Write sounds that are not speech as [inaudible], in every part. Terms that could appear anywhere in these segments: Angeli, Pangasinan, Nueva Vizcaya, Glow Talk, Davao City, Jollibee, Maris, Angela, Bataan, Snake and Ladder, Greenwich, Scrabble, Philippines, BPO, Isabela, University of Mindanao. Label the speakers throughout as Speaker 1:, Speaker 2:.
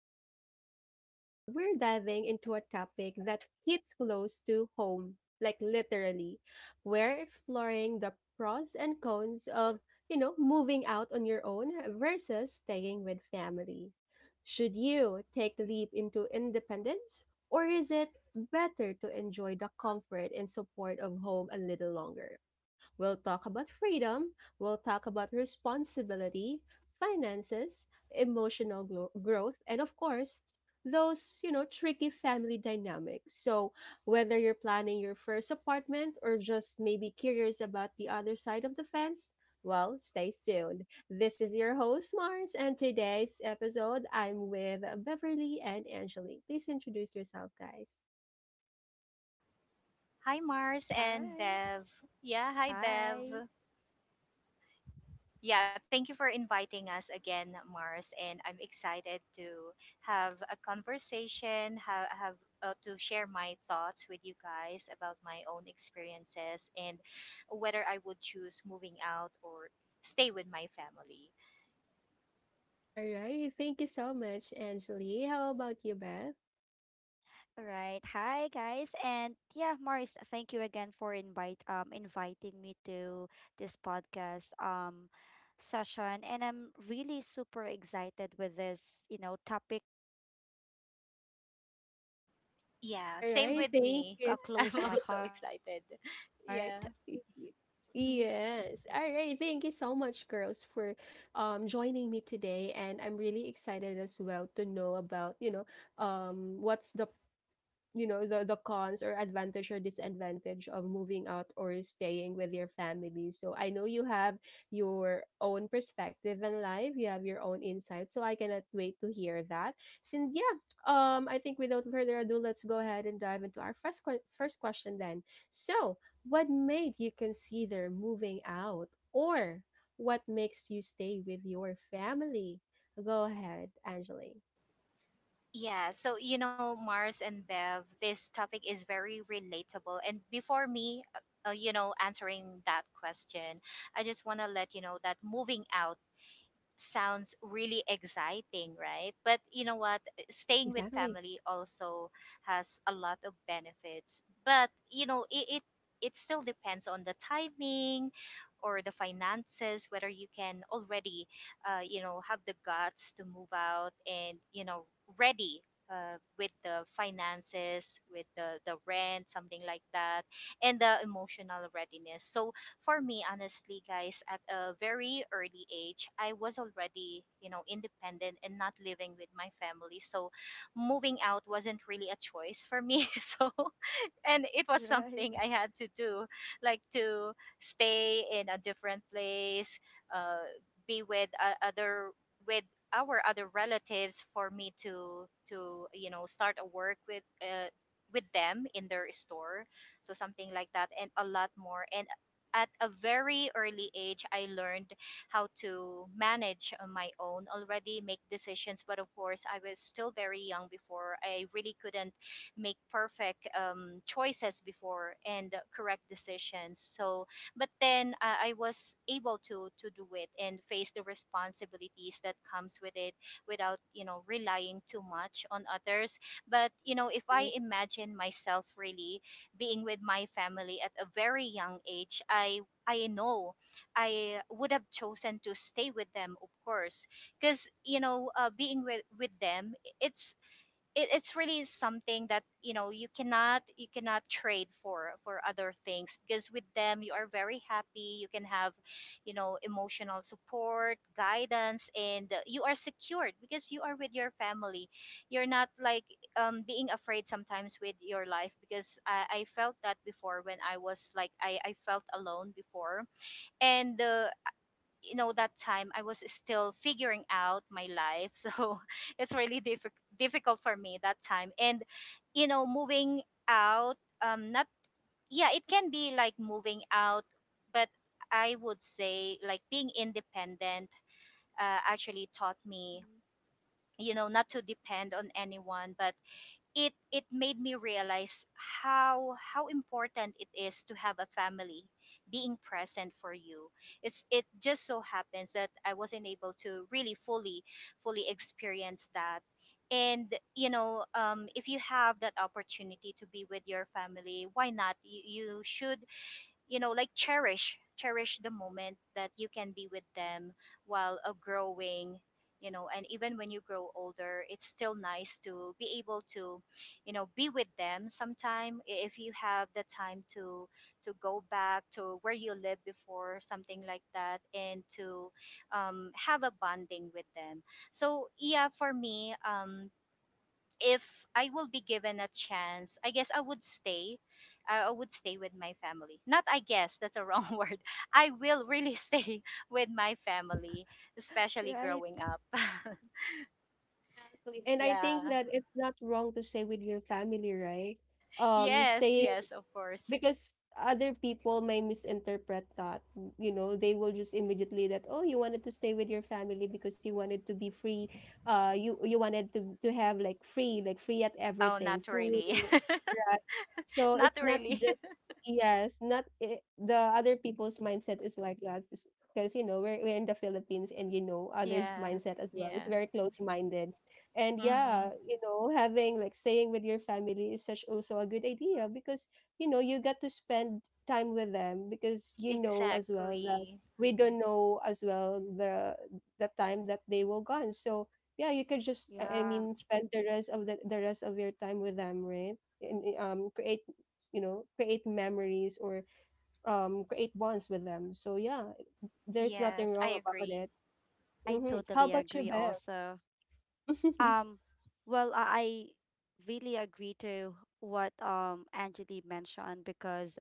Speaker 1: to Glow Talk, where we're diving into a topic that hits close to home, like literally. We're exploring the pros and cons of, moving out on your own versus staying with family. Should you take the leap into independence, or is it better to enjoy the comfort and support of home a little longer? We'll talk about freedom, we'll talk about responsibility, finances, growth, and of course, those tricky family dynamics. So, whether you're planning your first apartment or just maybe curious about the other side of the fence, well, stay tuned. This is your host, Mars, and today's episode I'm with Beverly and Angelique. Please introduce yourself, guys.
Speaker 2: Hi, Mars and
Speaker 3: Hi.
Speaker 2: Bev. Yeah, hi,
Speaker 3: Hi.
Speaker 2: Bev. Yeah, thank you for inviting us again, Mars. And I'm excited to have a conversation, have to share my thoughts with you guys about my own experiences and whether I would choose moving out or stay with my family.
Speaker 1: All right. Thank you so much, Angelique. How about you, Bev?
Speaker 3: All right. Hi guys. And yeah, Maris, thank you again for invite inviting me to this podcast session, and I'm really super excited with this, you know, topic that we're going to talk about today because this is
Speaker 2: Yeah,
Speaker 1: All
Speaker 3: really
Speaker 2: same
Speaker 1: right,
Speaker 2: with
Speaker 1: thank
Speaker 2: me.
Speaker 1: you.
Speaker 3: close
Speaker 2: [laughs]
Speaker 3: to
Speaker 2: I'm
Speaker 3: my
Speaker 2: also
Speaker 3: heart.
Speaker 2: excited. Yeah.
Speaker 3: Mhm.
Speaker 1: Y- Yes. All right, thank you so much, girls, for joining me today. And I'm really excited as well to know about, you know, what's the, you know, the cons or advantage or disadvantage of moving out or staying with your family. So I know you have your own perspective in life, you have your own insight, so I cannot wait to hear that. Since, yeah, I think without further ado, let's go ahead and dive into our first question, then. So what made you consider moving out, or what makes you stay with your family? Go ahead, Angeli.
Speaker 2: Yeah, so you know, Mars and Bev, this topic is very relatable. And before me, you know, answering that question, I just want to let you know that moving out sounds really exciting, right? But you know what? Staying with
Speaker 1: Exactly.
Speaker 2: family also has a lot of benefits. But you know, it still depends on the timing or the finances whether you can already you know have the guts to move out and you know ready with the finances with the rent something like that and the emotional readiness. So for me, honestly, guys, at a very early age, I was already, you know, independent and not living with my family. So moving out wasn't really a choice for me. [laughs] So and it was something
Speaker 3: Right.
Speaker 2: I had to do, like to stay in a different place, uh, be with other with our other relatives for me to you know start a work with them in their store, so something like that, and a lot more. And at a very early age, I learned how to manage on my own already, make decisions. But of course, I was still very young before. I really couldn't make perfect choices before and correct decisions. So, but then I was able to do it and face the responsibilities that comes with it without you know relying too much on others. But you know, if I imagine myself really being with my family at a very young age, I know I would have chosen to stay with them, of course, because you know, being with them, it's it's really something that you know you cannot trade for other things, because with them you are very happy. You can have you know emotional support, guidance, and you are secured because you are with your family. You're not like being afraid sometimes with your life, because I felt that before. When I was like I felt alone before and you know that time I was still figuring out my life, so [laughs] it's really difficult for me that time. And you know moving out not yeah it can be like moving out, but I would say like being independent actually taught me
Speaker 3: Mhm.
Speaker 2: you know not to depend on anyone, but it made me realize how important it is to have a family being present for you. It's it just so happens that I wasn't able to really fully experience that. And you know if you have that opportunity to be with your family, why not? You should you know like cherish the moment that you can be with them while growing, you know. And even when you grow older, it's still nice to be able to you know be with them sometime, if you have the time to go back to where you lived before, something like that, and to have a bonding with them. So yeah, for me, if I will be given a chance, I guess I would stay. I would stay with my family. Not I guess, that's a wrong [laughs] word. I will really stay [laughs] with my family, especially
Speaker 3: Right.
Speaker 2: growing up. [laughs]
Speaker 1: Exactly. And I
Speaker 2: Yeah.
Speaker 1: think that it's not wrong to stay with your family, right?
Speaker 2: Yes,
Speaker 1: Staying,
Speaker 2: yes, of course.
Speaker 1: because other people may misinterpret that, you know, they will just immediately that, oh, you wanted to stay with your family because you wanted to be free, uh, you wanted to have like free, like free at
Speaker 2: Oh,
Speaker 1: everything,
Speaker 2: not really.
Speaker 1: right?
Speaker 2: [laughs]
Speaker 1: So
Speaker 2: Not
Speaker 1: it's not
Speaker 2: really.
Speaker 1: just,
Speaker 2: [laughs]
Speaker 1: yes, not it, the other people's mindset is like that, because you know we're in the Philippines, and you know others
Speaker 2: Yeah.
Speaker 1: mindset as well, it's
Speaker 2: Yeah.
Speaker 1: very close-minded. And yeah,
Speaker 2: Mm,
Speaker 1: you know, having like staying with your family is such also a good idea, because you know you get to spend time with them, because you know as well that
Speaker 2: exactly.
Speaker 1: we don't know as well the time that they will gone. So yeah, you could just I
Speaker 3: Yeah.
Speaker 1: mean spend the rest of the rest of your time with them, right? And create, you know, create memories, or create bonds with them. So yeah, there's nothing
Speaker 2: Yes, I
Speaker 1: wrong about
Speaker 2: agree.
Speaker 1: it.
Speaker 3: I
Speaker 1: Mm-hmm. How
Speaker 3: totally
Speaker 1: about you,
Speaker 3: agree
Speaker 1: Bev?
Speaker 3: also.
Speaker 1: [laughs]
Speaker 3: Um, well, I really agree to what Angeli mentioned, because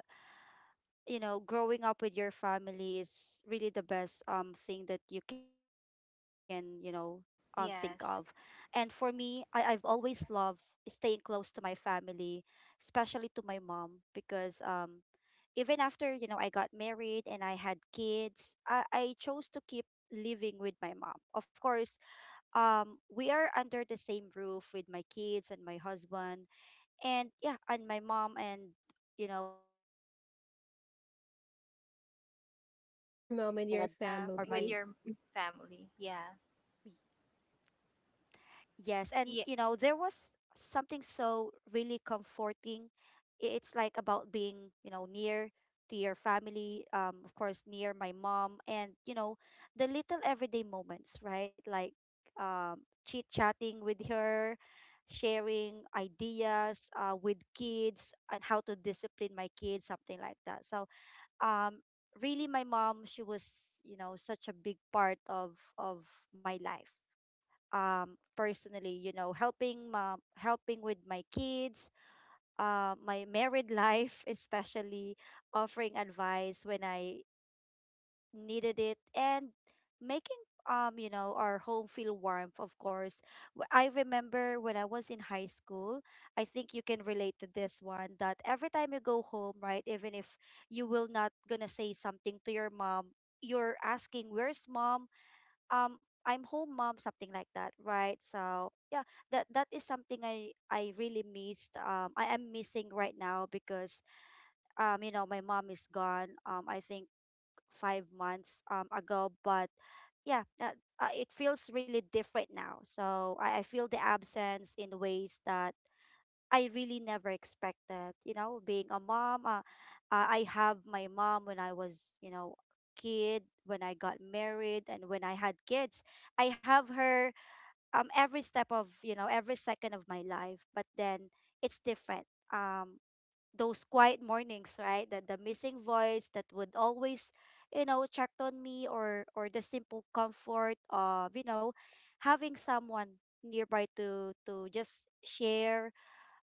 Speaker 3: you know, growing up with your family is really the best thing that you can, you know, think of. And for
Speaker 2: Yes.
Speaker 3: me, I've always loved staying close to my family, especially to my mom, because even after, you know, I got married and I had kids, I chose to keep living with my mom. Of course, we are under the same roof with my kids and my husband, and yeah, and my mom, and you know, with my stepdad, because you know,
Speaker 1: Your
Speaker 3: my,
Speaker 1: mom and
Speaker 3: my
Speaker 1: your
Speaker 3: dad
Speaker 2: Yeah, with
Speaker 1: family.
Speaker 2: your
Speaker 3: or
Speaker 1: Mm.
Speaker 3: my,
Speaker 2: family. Yeah.
Speaker 3: yes. And
Speaker 2: Yeah.
Speaker 3: you know, there was something so really comforting. It's like about being, you know, near to your family, of course near my mom. And you know, the little everyday moments, right? Like chit chatting with her, sharing ideas with kids and how to discipline my kids, something like that. So um really, my mom, she was, you know, such a big part of my life. Personally, you know, helping mom, helping with my kids, my married life, especially offering advice when I needed it, and making you know, our home feel warm, of course. I remember when I was in high school, I think you can relate to this one, that every time you go home, right, even if you will not gonna say something to your mom, you're asking, "Where's mom? I'm home, mom," something like that, right? So yeah, that is something I really missed. I am missing right now, because you know, my mom is gone. I think 5 months ago. But yeah, that, it feels really different now, so I feel the absence in ways that I really never expected. You know, being a mom, I have my mom when I was, you know, kid, when I got married, and when I had kids. I have her every step of, you know, every second of my life. But then it's different. Those quiet mornings, right? That the missing voice that would always, you know, check on me, or the simple comfort of, you know, having someone nearby to just share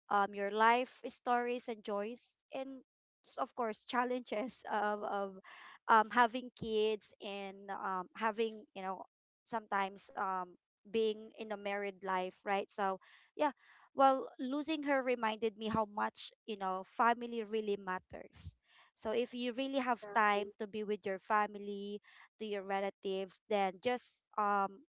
Speaker 3: your life stories and joys, and of course challenges [laughs] of having kids, and having, you know, sometimes being in a married life, right? So yeah, well, losing her reminded me how much, you know, family really matters. So if you really have
Speaker 1: Exactly.
Speaker 3: time to be with your family, to your relatives, then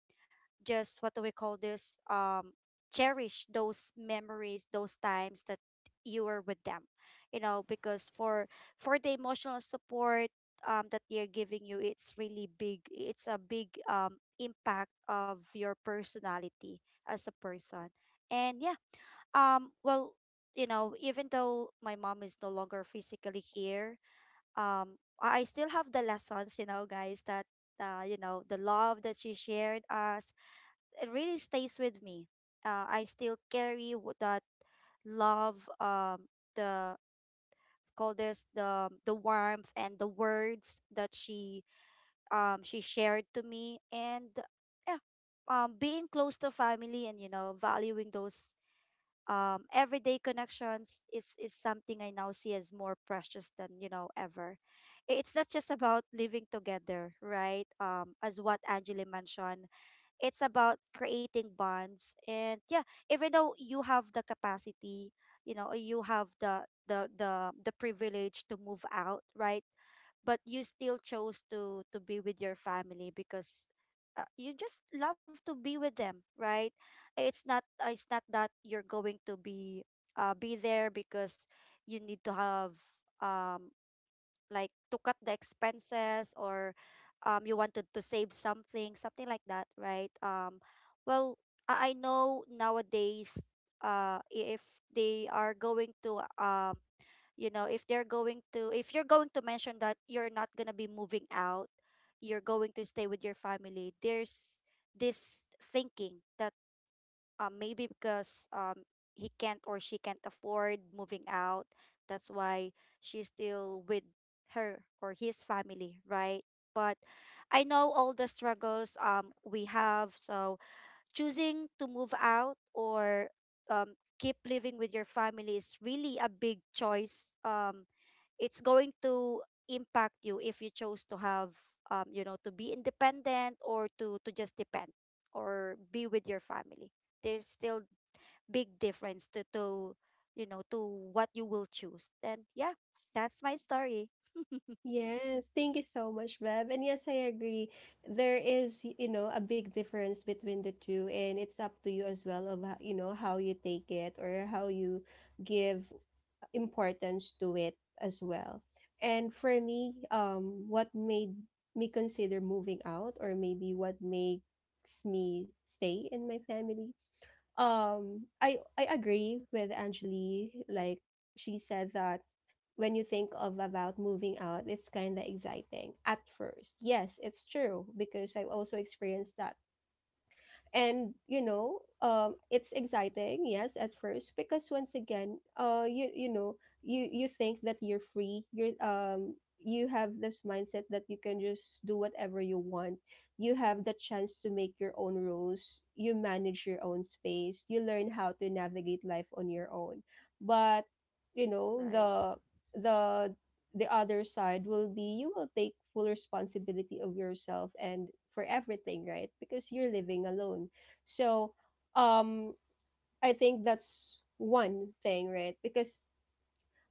Speaker 3: just what do we call this, cherish those memories, those times that you were with them. You know, because for the emotional support, that they're giving you, it's really big. It's a big impact of your personality as a person. And yeah, well, you know, even though my mom is no longer physically here, I still have the lessons, you know, guys, that you know, the love that she shared us, it really stays with me. I still carry that love, the call this, the warmth and the words that she, she shared to me. And yeah, being close to family, and you know, valuing those everyday connections is something I now see as more precious than, you know, ever. It's not just about living together, right? As what Angela mentioned, it's about creating bonds. And yeah, even though you have the capacity, you know, or you have the privilege to move out, right? But you still chose to be with your family, because you just love to be with them, right? It's not, it's not that you're going to be, be there, because you need to have um like, to cut the expenses, or you wanted to save something, something like that, right? Well, I know nowadays, if they are going to, you know, if they're going to, if you're going to mention that you're not going to be moving out, you're going to stay with your family, there's this thinking that maybe because he can't or she can't afford moving out. That's why she's still with her or his family, right? But I know all the struggles we have. So choosing to move out or keep living with your family is really a big choice. It's going to impact you. If you chose to have, you know, to be independent, or to just depend or be with your family, there's still big difference to to what you will choose then. Yeah, that's my story.
Speaker 1: Yes, thank you so much, Bev. And yes, I agree. There is, you know, a big difference between the two, and it's up to you as well of how, you know, how you take it or how you give importance to it as well. And for me, what made me consider moving out, or maybe what makes me stay in my family, I agree with Angeli. Like she said that when you think of about moving out, it's kind of exciting at first. Yes, it's true, because I've also experienced that. And you know, it's exciting, yes, at first, because once again, you, you know, you think that you're free, you're, you have this mindset that you can just do whatever you want, you have the chance to make your own rules, you manage your own space, you learn how to navigate life on your own. But you know,
Speaker 3: Right.
Speaker 1: the the other side will be, you will take full responsibility of yourself and for everything, right? Because you're living alone. So, um I think that's one thing, right? Because,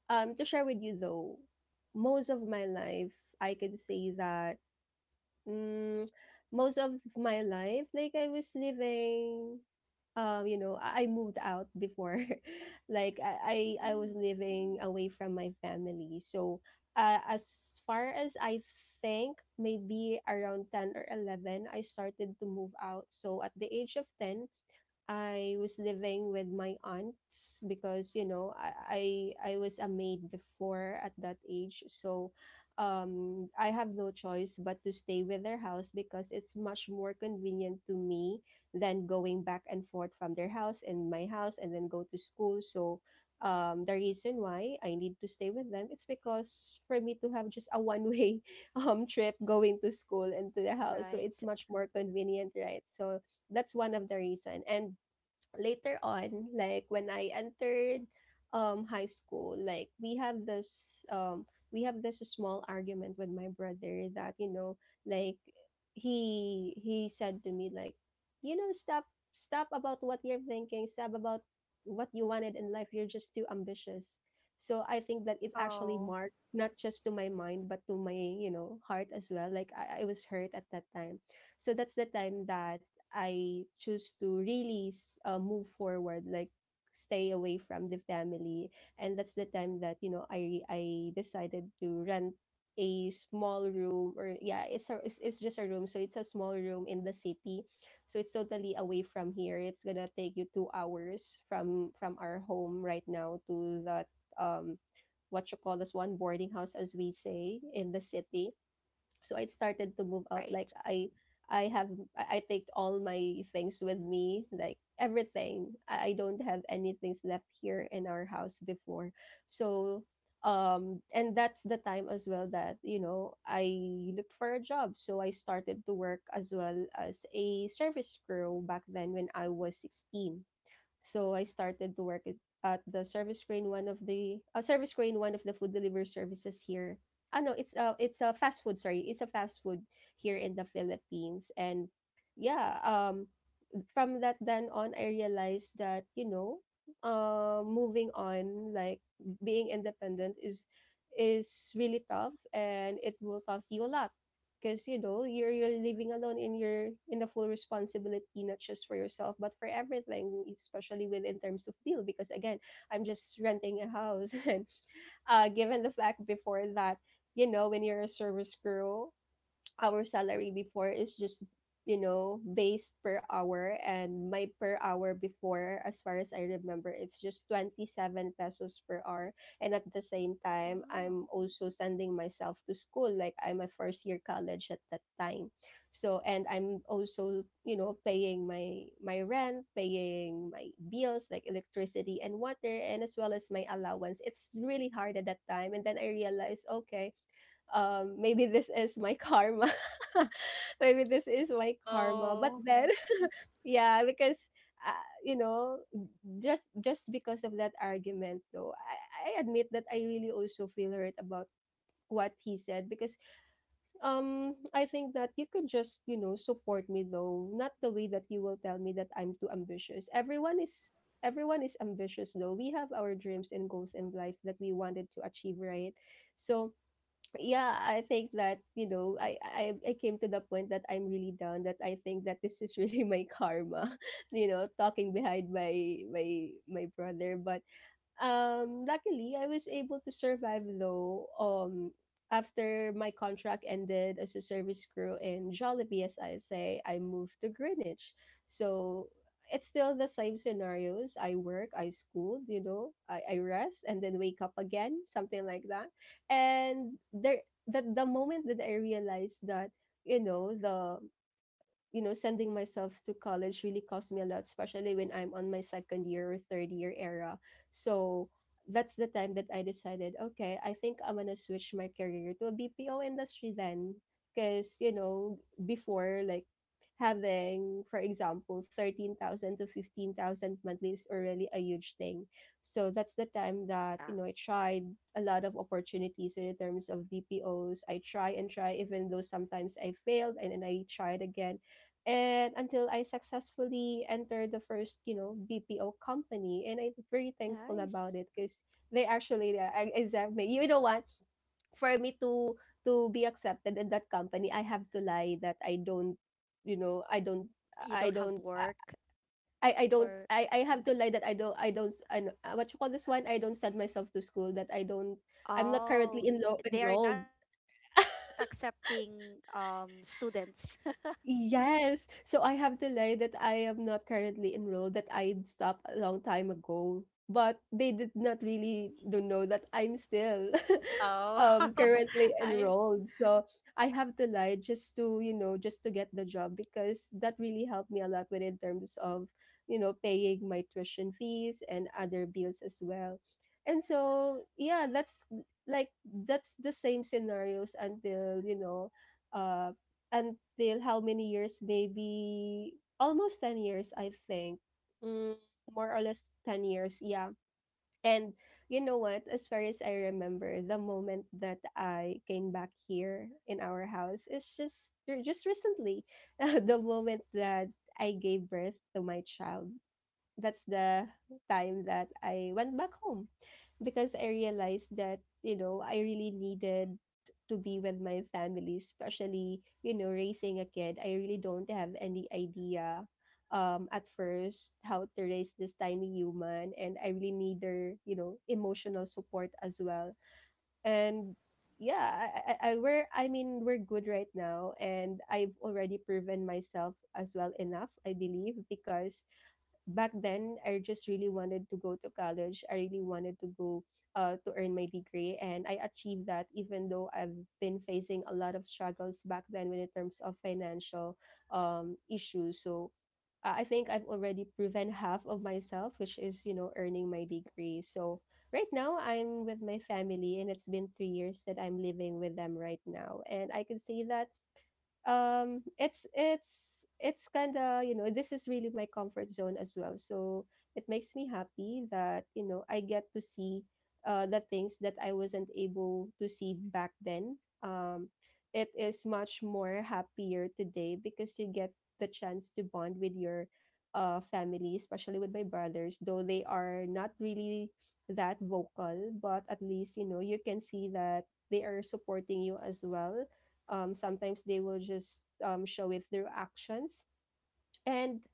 Speaker 1: to share with you though, most of my life I could say that, mm, most of my life, like I was living, you know, I moved out before, [laughs] like I was
Speaker 3: Mm,
Speaker 1: living away from my family. So, as far as I think, maybe around 10 or 11, I started to move out. So at the age of ten, I was living with my aunts, because you know I was a maid before at that age. So I have no choice but to stay with their house, because it's much more convenient to me than going back and forth from their house and my house and then go to school. So the reason why I need to stay with them, it's because for me to have just a one way [laughs] trip going to school and to the house, so it's
Speaker 3: right.
Speaker 1: much more convenient, right? So that's one of the reason. And later on, like when I entered high school, like we have this small argument with my brother that, you know, like he said to me like, you know, stop about what you're thinking, stop about what you wanted in life. You're just too ambitious. So I think that it actually
Speaker 2: Oh.
Speaker 1: marked not just to my mind, but to my, you know, heart as well. Like I was hurt at that time. So that's the time that I choose to really move forward, like stay away from the family. And that's the time that, you know, I decided to rent a small room. Or yeah, it's just a room, so it's a small room in the city. So it's totally away from here. It's gonna take you 2 hours from our home right now to that, um what you call this one, boarding house, as we say in the city. So I started to move out,
Speaker 3: Right.
Speaker 1: like I have I take all my things with me, like everything, I don't have anything left here in our house before. So um, and that's the time as well that you know I looked for a job. So I started to work as well as a service crew back then when I was 16. So I started to work at the service crane, one of the service crane, one of the food delivery services here. Ah no, it's a fast food. Sorry, it's a fast food here in the Philippines. And yeah, from that then on, I realized that, you know, moving on, like being independent is really tough and it will cost you a lot. Because you know you're living alone in your in the full responsibility, not just for yourself but for everything, especially with in terms of bill, because again, I'm just renting a house. [laughs] And uh, given the fact before that, you know, when you're a service crew, our salary before is just, you know, based per hour. And my per hour before, as far as I remember, it's just 27 pesos per hour. And at the same time,
Speaker 3: Wow.
Speaker 1: I'm also sending myself to school, like I'm a first year college at that time. So and I'm also, you know, paying my my rent, paying my bills like electricity and water, and as well as my allowance. It's really hard at that time. And then I realized, okay, maybe this is my karma. [laughs] Maybe this is my karma. But
Speaker 2: Oh.
Speaker 1: then, [laughs] yeah, because, you know, just because of that argument though, I admit that I really also feel hurt about what he said, because um, I think that you could just, you know, support me though, not the way that you will tell me that I'm too ambitious. Everyone is ambitious though, we have our dreams and goals in life that we wanted to achieve, right? So yeah, I think that, you know, I came to the point that I'm really down, that I think that this is really my karma, [laughs] you know, talking behind my brother. But luckily, I was able to survive though. After my contract ended as a service crew in Jollibee, as I say, I moved to Greenwich. So it's still the same scenarios. I work, I school, you know, I rest and then wake up again, something like that. And there, the moment that I realized that, you know, the you know, sending myself to college really cost me a lot, especially when I'm on my second year or third year era. So that's the time that I decided, okay, I think I'm gonna switch my career to a BPO industry then. Because, you know, before like having, for example, 13,000 to 15,000 monthly is already a huge thing. So that's the time that,
Speaker 3: Yeah.
Speaker 1: you know, I tried a lot of opportunities in terms of BPOs. I try and try, even though sometimes I failed and then I tried again and until I successfully entered the first, BPO company, and I'm very thankful about
Speaker 3: Nice.
Speaker 1: it because they actually, exactly, you know what, for me to be accepted in that company, I have to lie that I don't, you know, I don't.
Speaker 3: You
Speaker 1: I
Speaker 3: don't have
Speaker 1: don't I,
Speaker 3: work, or,
Speaker 1: I have to lie that I don't I don't I, know- what you call this one I don't send myself to school. That I don't I'm not
Speaker 3: oh,
Speaker 1: currently in
Speaker 3: they are not
Speaker 1: enrolled [laughs]
Speaker 3: accepting students?
Speaker 1: Yes. So I have to lie that I am not currently enrolled, that I'd stopped a long time ago. But they did not really don't know that I'm still [laughs]
Speaker 2: Oh,
Speaker 1: currently
Speaker 2: [laughs] I
Speaker 1: enrolled. So I have to lie just to, just to get the job because that really helped me a lot with in terms of, paying my tuition fees and other bills as well. And so yeah, that's like that's the same scenarios until, uh until how many years? Maybe almost 10 years, I think. Mm, More or less 10 years, yeah. And you know what? As far as I remember, the moment that I came back here in our house is just recently, [laughs] the moment that I gave birth to my child. That's the time that I went back home because I realized that, I really needed to be with my family, especially, raising a kid. I really don't have any idea at first how to raise this tiny human and I really need their, emotional support as well. And yeah, I mean we're good right now and I've already proven myself as well enough, I believe, because back then I just really wanted to go to college. I really wanted to go to earn my degree, and I achieved that even though I've been facing a lot of struggles back then when in terms of financial, issues. So I think I've already proven half of myself, which is earning my degree. So right now I'm with my family, and it's been 3 years that I'm living with them right now, and I can say that it's kind of, this is really my comfort zone as well, so it makes me happy that I get to see the things that I wasn't able to see back then. um it is much more happier today because you get the chance to bond with your family, especially with my brothers, though they are not really that vocal, but at least you can see that they are supporting you as well. Sometimes they will just, show it through actions. And,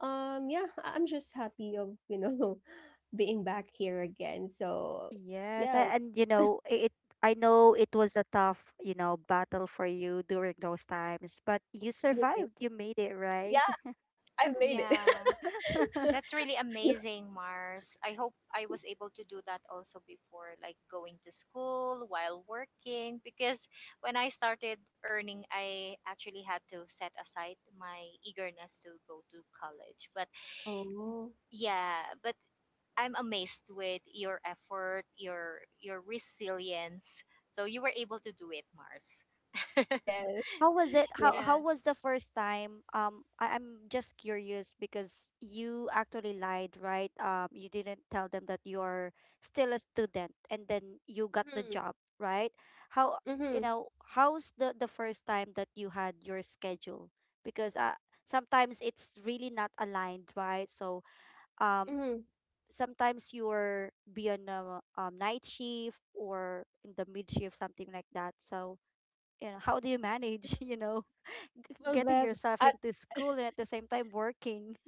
Speaker 1: yeah, I'm just happy of, [laughs] being back here again, so
Speaker 3: Yes,
Speaker 1: yeah.
Speaker 3: and you know, I- it I know it was a tough, you know, battle for you during those times, but you
Speaker 1: Yes.
Speaker 3: survived. You made it,
Speaker 1: Yeah.
Speaker 3: right?
Speaker 1: I made it.
Speaker 2: yeah,
Speaker 1: [laughs]
Speaker 3: [laughs]
Speaker 2: that's really
Speaker 1: You-
Speaker 2: amazing, Mars. I hope I was able to do that also before, like going to school while working. Because when I started earning, I actually had to set aside my eagerness to go to college. But
Speaker 1: oh,
Speaker 2: yeah, but I'm amazed with your effort, your resilience. So you were able to do it, Mars. [laughs]
Speaker 1: yeah,
Speaker 3: How was it? How
Speaker 1: yeah,
Speaker 2: Yeah.
Speaker 3: how was the first time? I'm just curious, because you actually lied, right? You didn't tell them that you're still a student, and then you got the
Speaker 1: mm-hmm,
Speaker 3: job, right? How, you
Speaker 1: mm-hmm,
Speaker 3: know? How's the first time that you had your schedule? Because sometimes it's really not aligned, right? So um,
Speaker 1: mm-hmm.
Speaker 3: sometimes you're be on a, night shift, or in the mid shift, something like that. So you know, how do you manage? [laughs] You know,
Speaker 1: Well,
Speaker 3: getting
Speaker 1: Bev,
Speaker 3: yourself
Speaker 1: at
Speaker 3: into school and at the same time working. [laughs]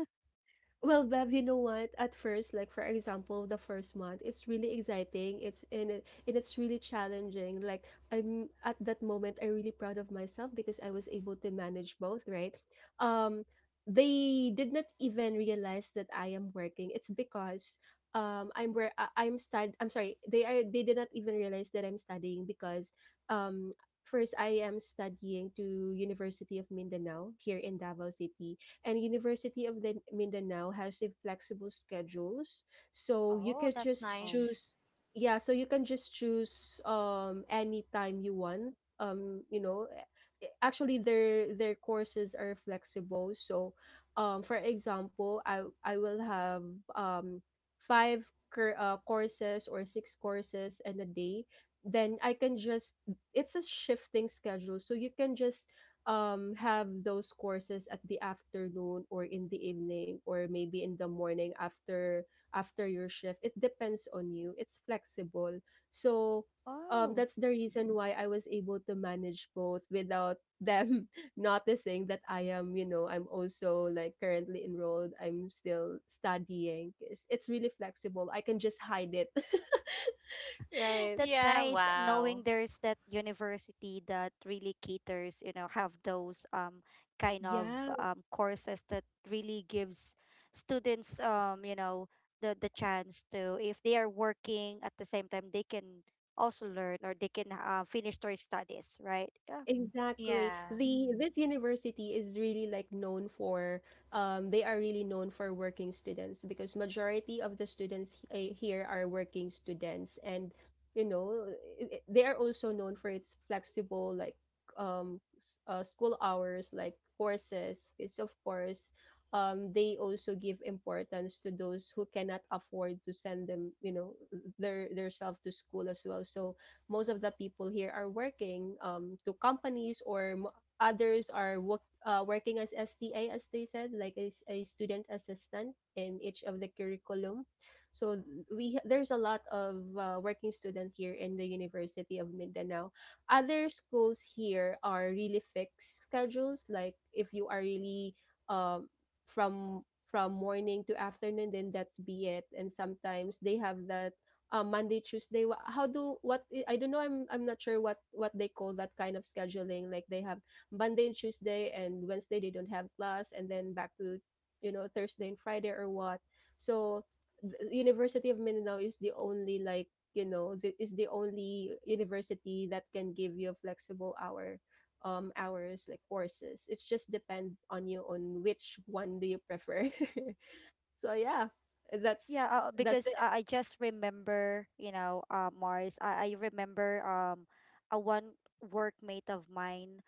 Speaker 1: well, Bev, you know what? At first, like for example, the first month, it's really exciting. It's in it, and it's really challenging. Like, I'm at that moment, I'm really proud of myself because I was able to manage both, right? Um, they did not even realize that I am working. It's because I'm where I- I'm stud I'm sorry, they did not even realize that I'm studying because um first, I am studying to University of Mindanao here in Davao City, and University of the Mindanao has a flexible schedules. So you
Speaker 2: Oh,
Speaker 1: can
Speaker 2: that's
Speaker 1: just
Speaker 3: Wow.
Speaker 2: nice.
Speaker 1: choose. Yeah, so you can just choose, any time you want. Um, you know, eh, Actually, their courses are flexible. So, for example, I will have, um five courses or six courses in a day, then I can just it's a shifting schedule, so you can just, have those courses at the afternoon or in the evening or maybe in the morning after your shift. It depends on you. It's flexible, so,
Speaker 3: Wow.
Speaker 1: that's the reason why I was able to manage both without them [laughs] noticing that I am, I'm also like currently enrolled, I'm still studying. It's really flexible. I can just hide it. [laughs] Right.
Speaker 3: That's
Speaker 2: Yeah,
Speaker 3: nice,
Speaker 2: wow.
Speaker 3: knowing there's that university that really caters, you know, have those kind of
Speaker 1: Yeah.
Speaker 3: courses that really gives students, you know, the chance to, if they are working at the same time, they can also learn, or they can, finish their studies, right?
Speaker 1: Exactly.
Speaker 2: Yeah.
Speaker 1: The this university is really like known for, they are really known for working students because majority of the students, here, are working students and you know they are also known for its flexible, like, school hours like courses. It's, of course, they also give importance to those who cannot afford to send them, their self to school as well. So most of the people here are working, to companies, or others are working as STA, as they said, like as a student assistant in each of the curriculum. So we there's a lot of, working student here in the University of Mindanao. Other schools here are really fixed schedules. Like if you are really, um, from morning to afternoon, then that's be it. And sometimes they have that, Monday, Tuesday. Wha- How do what I don't know. I'm not sure what they call that kind of scheduling. Like they have Monday and Tuesday and Wednesday they don't have class, and then back to, Thursday and Friday or what. So the University of Mindanao is the only like you know the, is the only university that can give you a flexible hour, hours like courses. It just depends on you on which one do you prefer. [laughs] So yeah, that's
Speaker 3: Yeah, because
Speaker 1: it.
Speaker 3: I just remember, you know, Mars. I remember a one workmate of mine.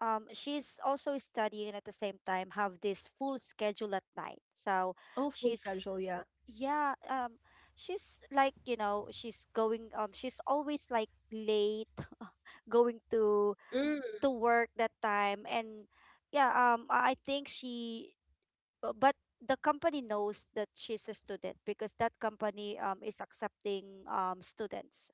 Speaker 3: She's also studying at the same time, have this full schedule at night. So
Speaker 1: Oh, full
Speaker 3: she's
Speaker 1: schedule, yeah.
Speaker 3: yeah, she's like, you know, she's going, she's always like late, [laughs] going to
Speaker 1: Mm.
Speaker 3: work that time. And yeah, I think she but the company knows that she's a student, because that company, is accepting students,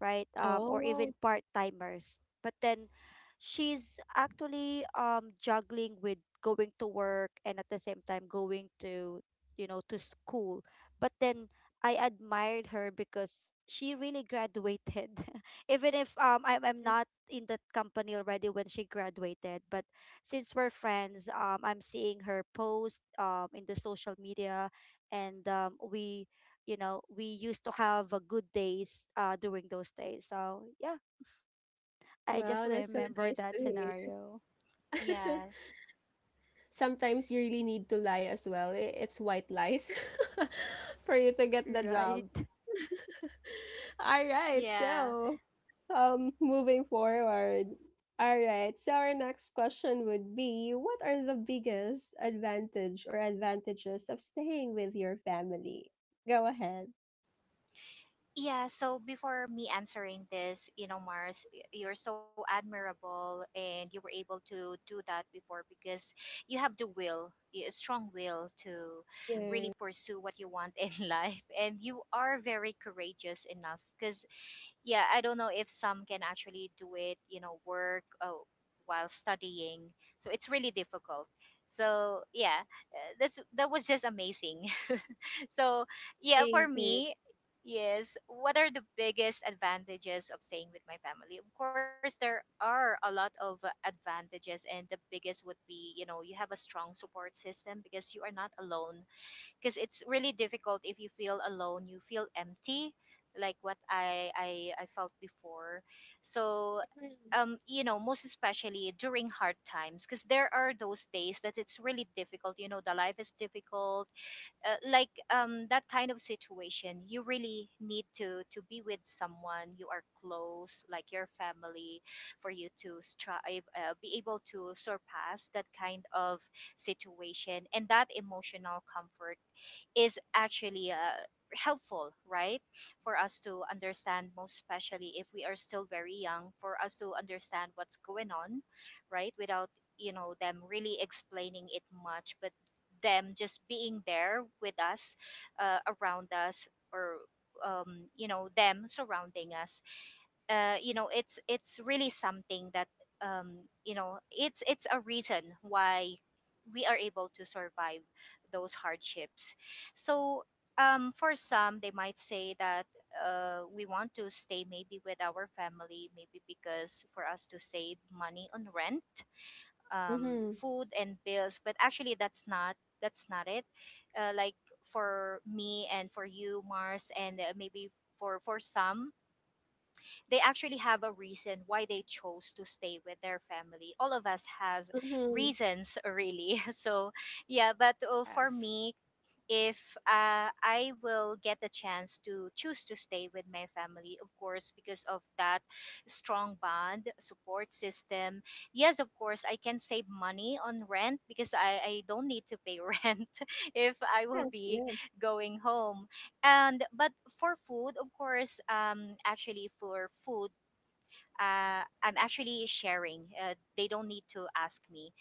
Speaker 3: right? Or even
Speaker 1: Oh,
Speaker 3: part timers. But then she's actually, juggling with going to work, and at the same time going to, you know, to school. But then I admired her because she really graduated. [laughs] Even if I'm
Speaker 1: that-
Speaker 3: not in that company already when she graduated, but since we're friends, I'm seeing her post, in the social media. And we you know we used to have a good days during those days. So yeah, I just
Speaker 1: wow, that's so
Speaker 3: remember
Speaker 1: nice
Speaker 3: that
Speaker 1: to
Speaker 3: scenario.
Speaker 1: hear. [laughs]
Speaker 2: Yes.
Speaker 1: Sometimes you really need to lie as well. It's white lies [laughs] for you to get the job.
Speaker 3: Right. [laughs]
Speaker 1: [laughs] All right,
Speaker 2: Yeah.
Speaker 1: so, moving forward. All right, so our next question would be what are the biggest advantage or advantages of staying with your family? Go ahead.
Speaker 2: Yeah. So before me answering this, you know, Mars, you're so admirable and you were able to do that before because you have the will, a strong will to really
Speaker 1: Yeah.
Speaker 2: pursue what you want in [laughs] life. And you are very courageous enough because, yeah, I don't know if some can actually do it, you know, work while studying. So it's really difficult. So yeah, that's that was just amazing. So, yeah, for
Speaker 1: Thank you.
Speaker 2: me, yes, what are the biggest advantages of staying with my family? Of course, there are a lot of advantages, and the biggest would be, you know, you have a strong support system because you are not alone. Because it's really difficult if you feel alone, you feel empty, like what I felt before. So you know, most especially during hard times, because there are those days that it's really difficult. You know, the life is difficult, like that kind of situation you really need to be with someone you are close, like your family, for you to strive, be able to surpass that kind of situation. And that emotional comfort is actually helpful, right? For us to understand, most especially if we are still very young, for us to understand what's going on, right? Without, you know, them really explaining it much, but them just being there with us, around us, or, you know, them surrounding us, you know it's really something that, you know it's a reason why we are able to survive those hardships. So for some, they might say that we want to stay maybe with our family, maybe because for us to save money on rent,
Speaker 1: Mm-hmm.
Speaker 2: food, and bills. But actually, that's not it. Like for me and for you, Mars, and maybe for some, they actually have a reason why they chose to stay with their family. All of us has
Speaker 1: Mm-hmm.
Speaker 2: reasons, [laughs] really. So yeah, but for
Speaker 3: Yes,
Speaker 2: me, if I will get a chance to choose to stay with my family, of course, because of that strong bond, support system. Yes, of course, I can save money on rent because I don't need to pay [laughs] rent if I will
Speaker 1: Yes,
Speaker 2: be
Speaker 1: yes.
Speaker 2: going home. And but for food, of course, I'm actually sharing. They don't need to ask me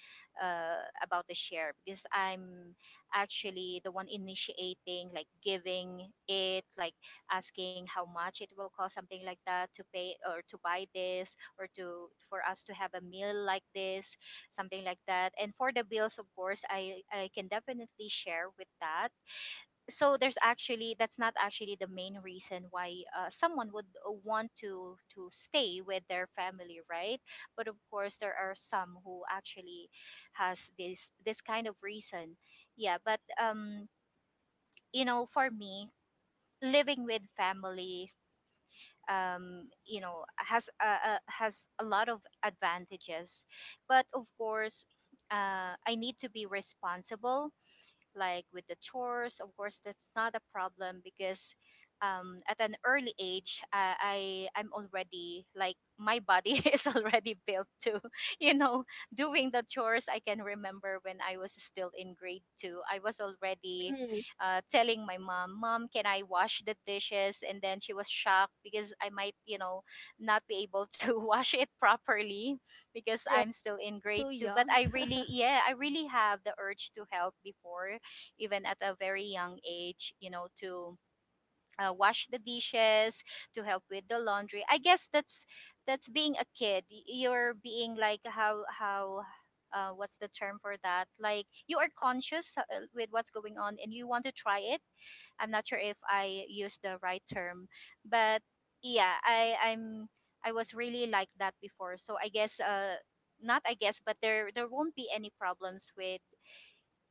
Speaker 2: about the share because I'm actually the one initiating, like giving it, like asking how much it will cost, something like that, to pay or to buy this or to for us to have a meal like this, something like that. And for the bills, of course, I can definitely share with that. So there's actually that's not actually the main reason why someone would want to stay with their family, right? But of course there are some who actually has this kind of reason. Yeah, but you know for me living with family, you know has a lot of advantages. But of course I need to be responsible like with the chores. Of course, that's not a problem because at an early age, I'm already like my body [laughs] is already built to, [laughs] you know, doing the chores. I can remember when I was still in grade two, I was already
Speaker 1: Mhm.
Speaker 2: telling my mom, "Mom, can I wash the dishes?" And then she was shocked because I might, you know, not be able [laughs] to wash it properly because
Speaker 1: Right.
Speaker 2: I'm still in
Speaker 3: you're
Speaker 2: grade
Speaker 3: too
Speaker 2: two. But
Speaker 3: young.
Speaker 2: I really,
Speaker 3: [laughs]
Speaker 2: yeah, I really have the urge to help before, even at a very young age, you know, to wash the dishes, to help with the laundry. I guess that's being a kid. You're being like how what's the term for that? Like you are conscious, with what's going on and you want to try it. I'm not sure if I use the right term, but yeah, I was really like that before. So not I guess, but there won't be any problems with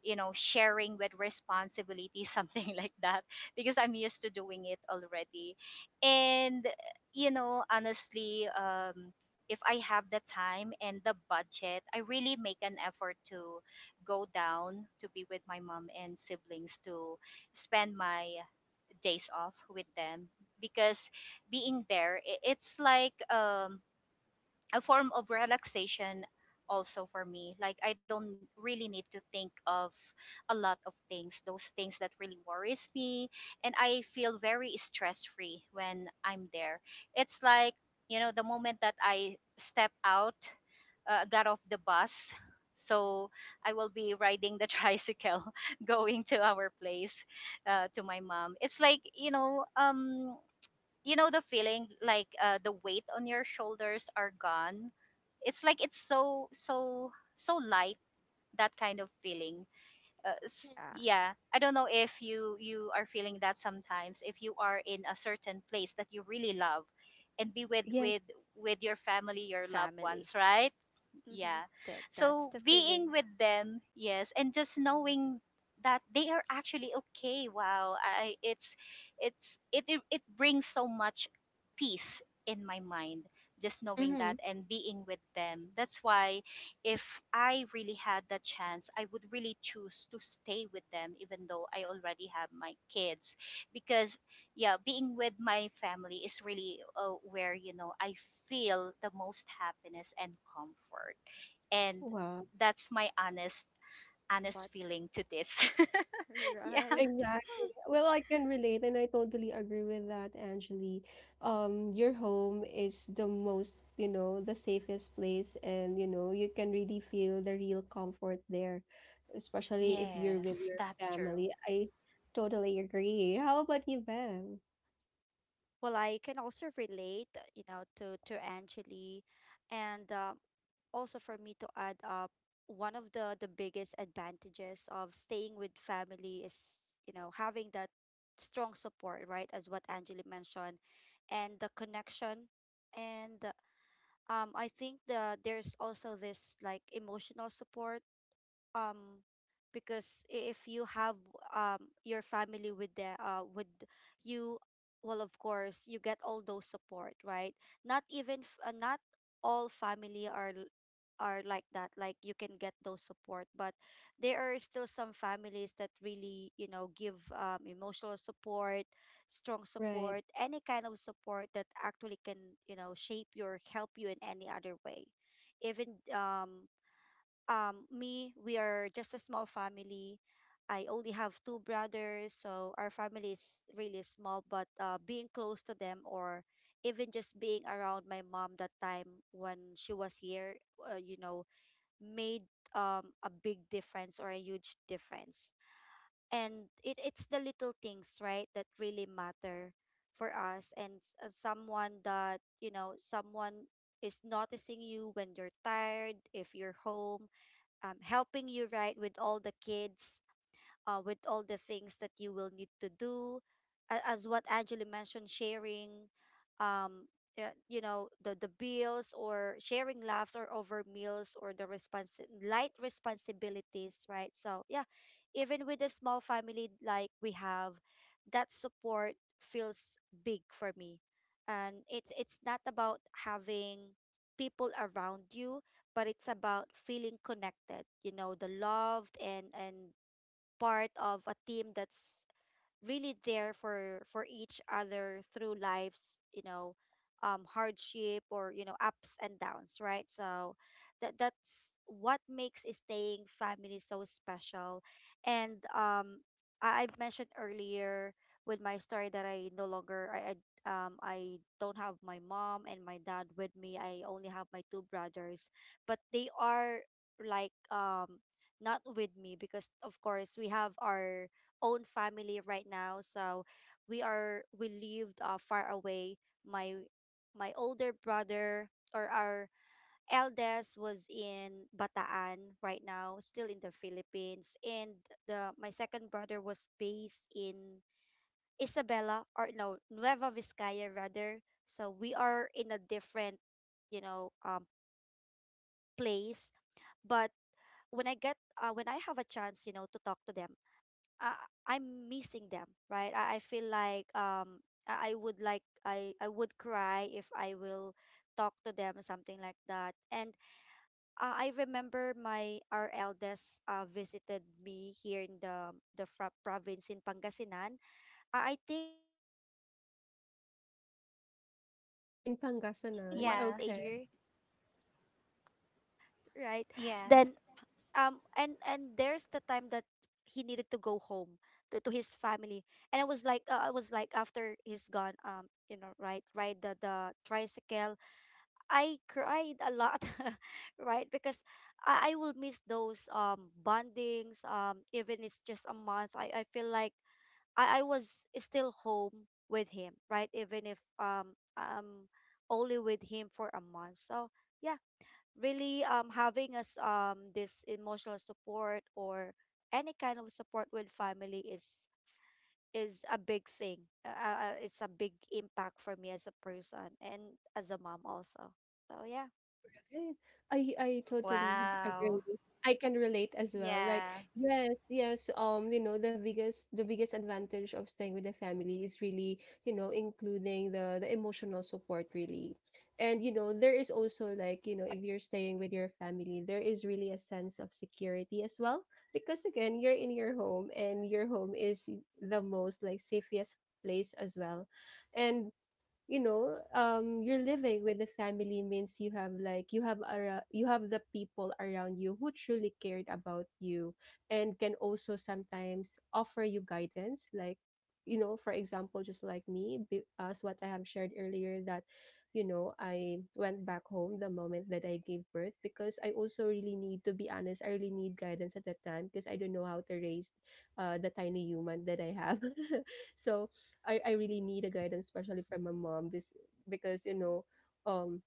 Speaker 2: sharing with responsibility [laughs] something like that because I'm used to doing it already. And honestly, if I have the time and the budget, I really make an effort to go down to be with my mom and siblings, to spend my days off with them because being there, it's like, a form of relaxation also for me. Like I don't really need to think of a lot of things, those things that really worries me, and I feel very stress free when I'm there. It's like, the moment that I step out, got off the bus, so I will be riding the [laughs] tricycle going to our place. To my mom, it's like the feeling like, the weight on your shoulders are gone. It's like it's so so so light, that kind of feeling.
Speaker 3: Yeah,
Speaker 1: Mhm.
Speaker 2: Yeah, I don't know if you are feeling that sometimes, if you are in a certain place that you really love and be with
Speaker 1: Yes.
Speaker 2: with your family,
Speaker 3: your
Speaker 2: your loved
Speaker 3: family.
Speaker 2: ones, right?
Speaker 3: Mm-hmm.
Speaker 2: Yeah.
Speaker 3: that that's
Speaker 2: So
Speaker 3: the
Speaker 2: being
Speaker 3: feeling.
Speaker 2: with them, yes, and just knowing that they are actually okay. Wow, I it's it it, it brings so much peace in my mind, just knowing that
Speaker 1: Mhm.
Speaker 2: and being with them. That's why if I really had the chance, I would really choose to stay with them even though I already have my kids because yeah, being with my family is really, where I feel the most happiness and comfort. And
Speaker 1: Wow.
Speaker 2: that's my honest honest
Speaker 3: What?
Speaker 2: feeling to this. [laughs]
Speaker 3: [laughs]
Speaker 2: Yeah.
Speaker 3: Right.
Speaker 1: Exactly. Well, I can relate, and I totally agree with that, Angeli. Your home is the safest place, and, you can really feel the real comfort there, especially if you're with
Speaker 2: Yes,
Speaker 1: your
Speaker 2: that's
Speaker 1: family.
Speaker 2: true.
Speaker 1: I totally agree. How about you, Bev?
Speaker 3: Well, I can also relate, you know, to Angeli. And also for me to add up, one of the biggest advantages of staying with family is, you know, having that strong support, right? As what Angeli mentioned, and the connection. And I think there's also this like emotional support, um because if you have, your family with the with you, well, of course you get all those support, right? Not even not all family are are like that. Like, you can get those support, but there are still some families that really, you know, give emotional support, strong
Speaker 1: Right.
Speaker 3: support, any kind of support that actually can, you know, shape you or help you in any other way. Even me, we are just a small family. I only have two brothers, so our family is really small. But being close to them, or even just being around my mom, that time when she was here, you know, made a big difference, or a huge difference. And it's the little things, right, that really matter for us. And someone, that, you know, someone is noticing you when you're tired, if you're home, helping you, right, with all the kids, with all the things that you will need to do. As what Angela mentioned, sharing, um, you know, the bills or sharing laughs or over meals or the light responsibilities, right? So, yeah, even with a small family like we have, that support feels big for me. And it's not about having people around you, but it's about feeling connected, the loved, and part of a team that's really there for each other through life's hardship or, you know, ups and downs, right? So that's what makes a staying family so special. And I mentioned earlier with my story that I no longer I don't have my mom and my dad with me. I only have my two brothers, but they are like, not with me, because of course we have our own family right now. So we lived far away. My my older brother, or our eldest, was in Bataan right now, still in the Philippines, and the my second brother was based in Isabela or no Nueva Vizcaya rather. So we are in a different, place. But when I get when I have a chance, you know, to talk to them, I, I'm missing them, right? I feel like, I would like I would cry if I will talk to them, something like that. And I remember my our eldest visited me here in the province in Pangasinan. I think he spent, um, a
Speaker 1: In
Speaker 3: month here,
Speaker 1: Pangasinan.
Speaker 3: a
Speaker 2: Yeah.
Speaker 3: month
Speaker 1: Okay.
Speaker 3: stay here, right?
Speaker 2: Yeah.
Speaker 3: Then and there's the time that he needed to go home to his family, and I was like, after he's gone, you know, right, ride the tricycle. I cried a lot [laughs] right? Because I will miss those bondings, even it's just a month. I feel like I was still home with him, right? Even if only with him for a month. So yeah, really, having us, this emotional support or any kind of support with family is a big thing. It's a big impact for me as a person and as a mom also. So yeah,
Speaker 1: Right. I totally agree.
Speaker 2: Wow.
Speaker 1: I can relate as well. Like,
Speaker 2: Yeah,
Speaker 1: yes, yes, the biggest advantage of staying with the family is really, including the emotional support really. And, there is also, like, if you're staying with your family, there is really a sense of security as well because again, you're in your home and your home is the most like safest place as well. And you're living with a family means you have the people around you who truly cared about you and can also sometimes offer you guidance, for example, just like me, as what I have shared earlier, that I went back home the moment that I gave birth because I also really need to be honest. I really need guidance at that time because I don't know how to raise, the tiny human that I have. [laughs] So I really need a guidance, especially from my mom, this because, um,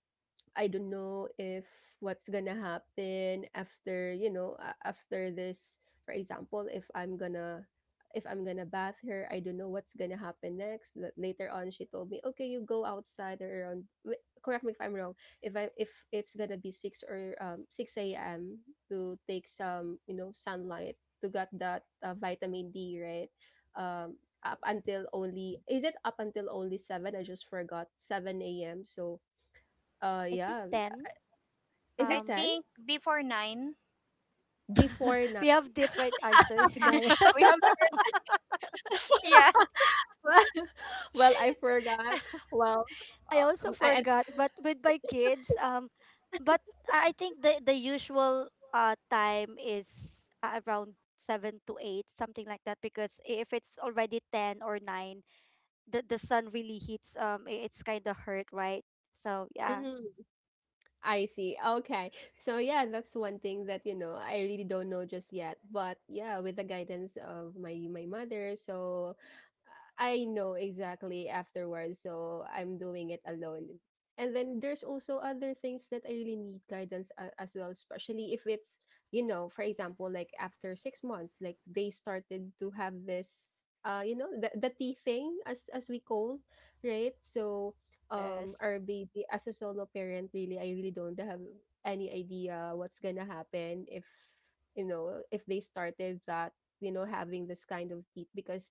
Speaker 1: I don't know if what's gonna happen after you know a- after this. For example, if I'm gonna bath her, I don't know what's gonna happen next. That later on, she told me, okay, you go outside or around. Correct me if I'm wrong. If it's gonna be 6 or, 6 a.m. to take some, sunlight to get that, vitamin D, right.
Speaker 3: I,
Speaker 1: Up until only is it up until only 7? I just forgot 7 a.m. So
Speaker 3: I think
Speaker 1: yeah,
Speaker 3: then,
Speaker 1: is
Speaker 2: I
Speaker 1: it
Speaker 3: um
Speaker 1: 10?
Speaker 2: think before nine.
Speaker 1: Before
Speaker 3: [laughs]
Speaker 1: 9?
Speaker 3: we have different answers, [laughs]
Speaker 1: [laughs]
Speaker 3: guys.
Speaker 2: [laughs]
Speaker 1: We have the
Speaker 2: Yeah.
Speaker 1: [laughs] Well, I forgot. Well,
Speaker 3: I
Speaker 1: uh,
Speaker 3: also
Speaker 1: um, I, I
Speaker 3: forgot,
Speaker 1: think-
Speaker 3: but with my kids, but I think the usual time is around seven to eight, something like that. Because if it's already ten or nine, the sun really hits. It's kind of hurt, right? So yeah,
Speaker 1: Mhm. I see. Okay. So yeah, that's one thing that, I really don't know just yet. But yeah, with the guidance of my mother, so I know exactly afterwards. So I'm doing it alone. And then there's also other things that I really need
Speaker 2: Wow.
Speaker 1: guidance as well, especially if
Speaker 2: Wow.
Speaker 1: it's,
Speaker 2: Yeah.
Speaker 1: for example, like after 6 months, like they started to have this, the tea thing as we call, right? So
Speaker 3: yes,
Speaker 1: our baby as a solo parent, really, I really don't have any idea what's gonna happen if, you know, if they started that, you know, having this kind of teeth. Because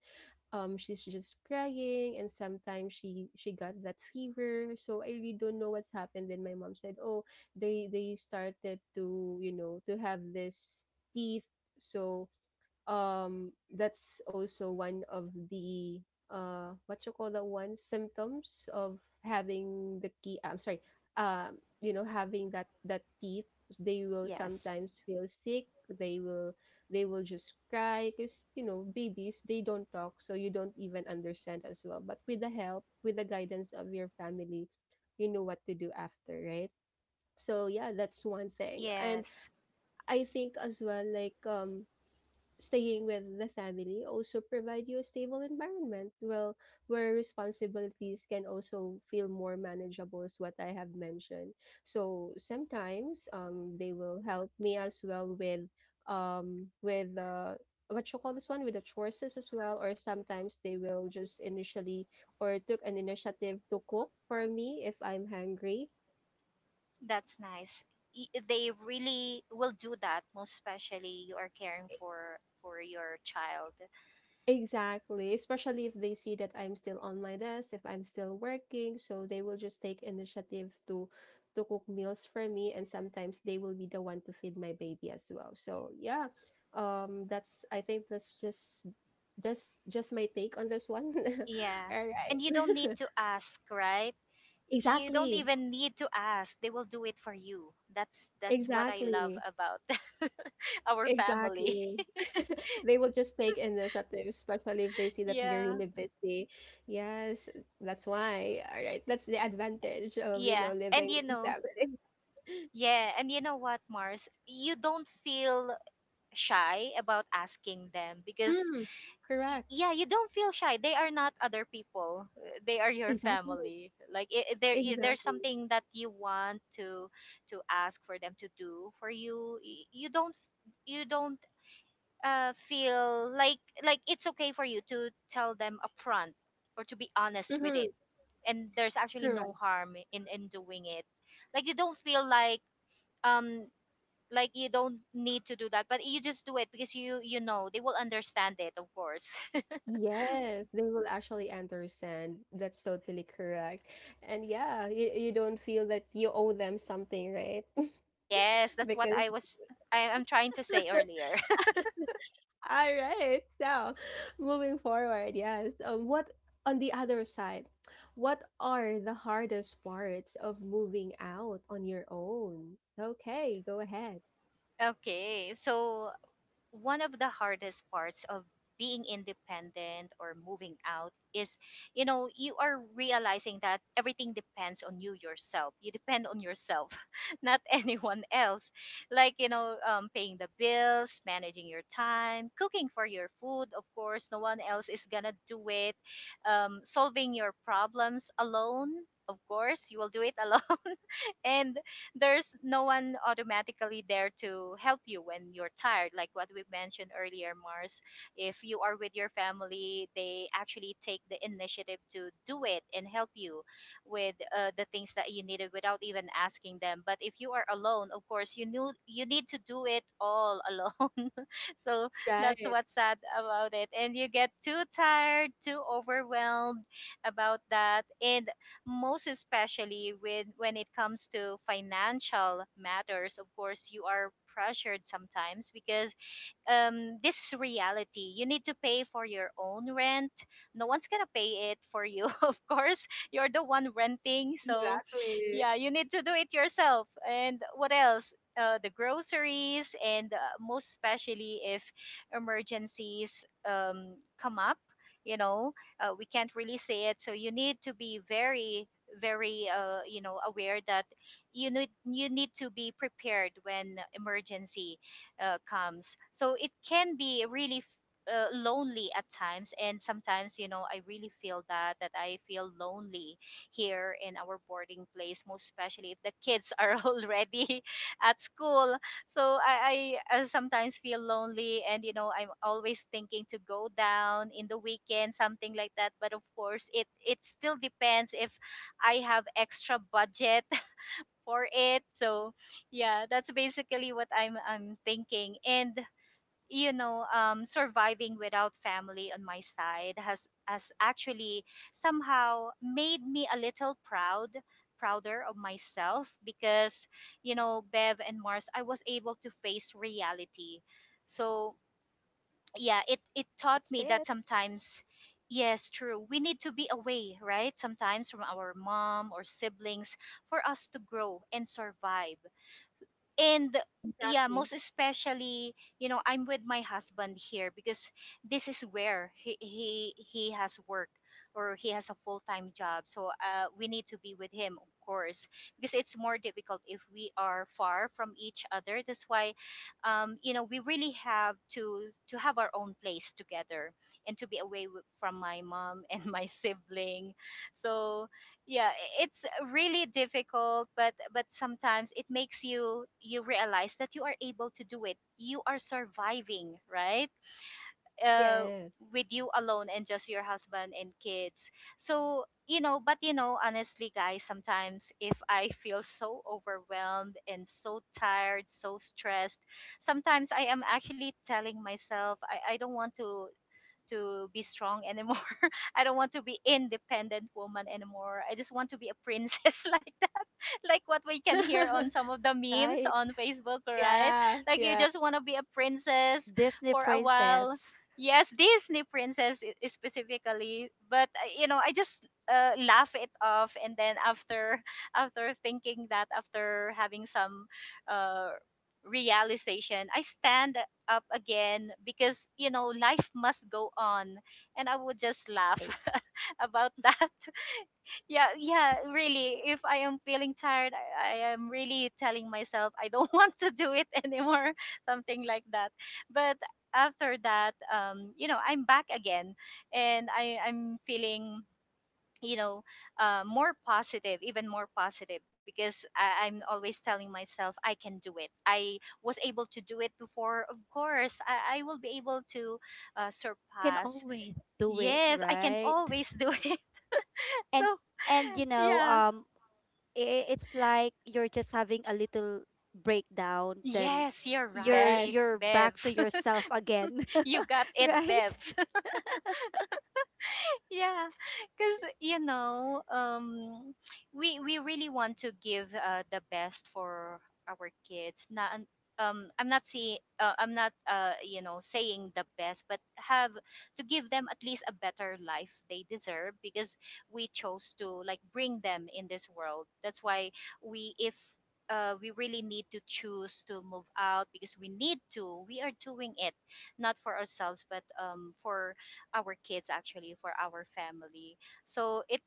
Speaker 1: she's just crying and sometimes she got that fever, so I really don't know what's happened. Then my mom said, oh, they started to, you know, to have this teeth. So that's also one of the what you call that one, symptoms of having the key, I'm sorry, you know, having that teeth, they will
Speaker 3: yes,
Speaker 1: sometimes feel sick. They will, they will just cry because, you know, babies, they don't talk, so you don't even understand as well. But with the help, with the guidance of your family, you know what to do after, right? So yeah, that's one thing. And
Speaker 2: Yes,
Speaker 1: I think as well, like, staying with the family also provide you a stable environment, well, where responsibilities can also feel more manageable, is what I have mentioned. So sometimes, they will help me as well with, um, with, what you call this one, with the chores as well. Or sometimes they will just initially, or took an initiative to cook for me if I'm hungry.
Speaker 2: that's nice. They really will do that, most especially you are caring for your child.
Speaker 1: Exactly, especially if they see that I'm still on my desk, if I'm still working, so they will just take initiative to cook meals for me. And sometimes they will be the one to feed my baby as well. So, yeah. That's, I think that's just my take on this one. [laughs]
Speaker 2: Yeah,
Speaker 1: All right.
Speaker 2: and you don't need
Speaker 1: [laughs]
Speaker 2: to ask, right? You don't
Speaker 1: Exactly.
Speaker 2: even need to ask, they will do it for you. That's what I love
Speaker 1: Exactly.
Speaker 2: about [laughs] our family.
Speaker 1: Exactly. [laughs] They will just take initiative, especially if they see
Speaker 2: [laughs]
Speaker 1: that you're
Speaker 2: Yeah.
Speaker 1: really busy. Yes, that's why. All right. That's the advantage of, you
Speaker 2: Yeah,
Speaker 1: know,
Speaker 2: and
Speaker 1: living with a family. [laughs]
Speaker 2: yeah, and you know what, Mars, you don't feel shy about asking them because
Speaker 1: Mm, correct.
Speaker 2: yeah, you don't feel shy, they are not other people. They are your
Speaker 1: Exactly.
Speaker 2: family. Like there's
Speaker 1: Exactly.
Speaker 2: something that you want to ask for them to do for you. Y- you don't Feel like it's okay for you to tell them upfront or to be honest with
Speaker 1: Mm-hmm.
Speaker 2: it. And there's actually
Speaker 1: Correct.
Speaker 2: no harm in doing it. Like you don't feel like, um like you don't need to do that, but you just do it because you know they will understand it, of course.
Speaker 1: Yes, they will actually understand. That's totally correct. And yeah, you don't feel that you owe them something, right?
Speaker 2: [laughs] Yes,
Speaker 1: [laughs]
Speaker 2: that's what
Speaker 1: because
Speaker 2: I was I'm trying to say earlier.
Speaker 1: All right. So, moving forward, yes. What on the other side? What are the hardest parts of moving out on your own? Okay, go ahead.
Speaker 2: [laughs] Okay, so one of the hardest parts of being independent or moving out is you are realizing that everything depends on you yourself, you depend on yourself, [laughs] not anyone else. Like paying the bills, managing your time, cooking for your food, of course no one else is gonna do it. Solving your problems alone, of course you will do it, [laughs] alone. And there's no one automatically there to help you when you're tired, like what we mentioned earlier, Mars. If you are with your family, they actually take the initiative to do it and help you with, the things that you needed without even asking them. But if you are alone, of course you knew you need to do it all alone. [laughs] So that's
Speaker 1: Right.
Speaker 2: what's sad about it, and you get too tired, too overwhelmed about that. And most especially with when it comes to financial matters, of course you are pressured sometimes because, this is reality. You need to pay for your own rent. No one's gonna pay it for you, [laughs] of course. You're the one renting, so
Speaker 1: Exactly.
Speaker 2: yeah, you need to do it yourself. And what else? The groceries, and most especially if emergencies come up, you know, we can't really say it. So you need to be very, very, you know, aware that you need to be prepared when emergency comes. So it can be really, lonely at times, and sometimes I really feel that I feel lonely here in our boarding place, most especially if the kids are [laughs] already at school. So I sometimes feel lonely, and I'm always thinking to go down in the weekend, something like that. But of course, it still depends if I have extra budget for it. So yeah, that's basically what I'm thinking. And you know, surviving without family on my side has actually somehow made me a little proud prouder of myself because you know, Bev and Mars, I was able to face reality. So yeah, it taught
Speaker 3: that's
Speaker 2: me that
Speaker 3: it,
Speaker 2: sometimes yes, true, we need to be away, right, sometimes from our mom or siblings for us to grow and survive. And yeah,
Speaker 1: Exactly.
Speaker 2: most especially you know I'm with my husband here because this is where he has work or he has a full-time job, so we need to be with him, of course, because it's more difficult if we are far from each other. That's why, you know, we really have to have our own place together and to be away from my mom and my [laughs] sibling. So yeah, it's really difficult, but sometimes it makes you you realize that you are able to do it, you are surviving, right, uh
Speaker 1: Yes.
Speaker 2: with you alone and just your husband and kids. So you know, but you know honestly guys, sometimes if I feel so overwhelmed and so tired, so stressed, sometimes I am actually telling myself I don't want to be strong anymore. [laughs] I don't want to be independent woman anymore. I just want to be a princess [laughs] like [laughs] like what we can hear on some
Speaker 1: [laughs]
Speaker 2: of the memes
Speaker 3: right?
Speaker 2: on Facebook, right?
Speaker 1: Yeah.
Speaker 2: Like you
Speaker 1: Yeah.
Speaker 2: just want to be a princess
Speaker 3: [laughs] Disney
Speaker 2: for a while.
Speaker 3: princess,
Speaker 2: Yes, Disney princess specifically, but you know, I just laugh it off, and then after [laughs] after thinking that, after having some uh, realization, I stand up again because you know life must go on, and I would just laugh
Speaker 3: right?
Speaker 2: [laughs] about that. Yeah, yeah, really. If I am feeling tired, I am really telling myself I don't [laughs] want to do it anymore, [laughs] something like that. But after that, you know, I'm back again, and I'm feeling, you know, more positive, even more positive, because I'm always telling myself I can do it. I was able to do it before. Of course, I will be able to
Speaker 3: You can
Speaker 2: surpass.
Speaker 3: always do it,
Speaker 2: Yes, I can
Speaker 3: right?
Speaker 2: always do [laughs] it. So
Speaker 3: And and you know,
Speaker 2: yeah.
Speaker 3: it's like you're just having a little breakdown, then
Speaker 2: Yes, you're
Speaker 1: Yes.
Speaker 2: right,
Speaker 3: you're
Speaker 2: Bev.
Speaker 3: back to yourself again. [laughs]
Speaker 2: [laughs] You got it,
Speaker 3: Right.
Speaker 2: Bev. Yeah, because you know we really want to give, the best for our kids, not, I'm not saying I'm not you know saying the best, but have to give them at least a better life they deserve because we chose to like bring them in this world. That's why we if, we really need to choose to move out because we need to we are doing it not for ourselves but, for our kids, actually for our family. So it,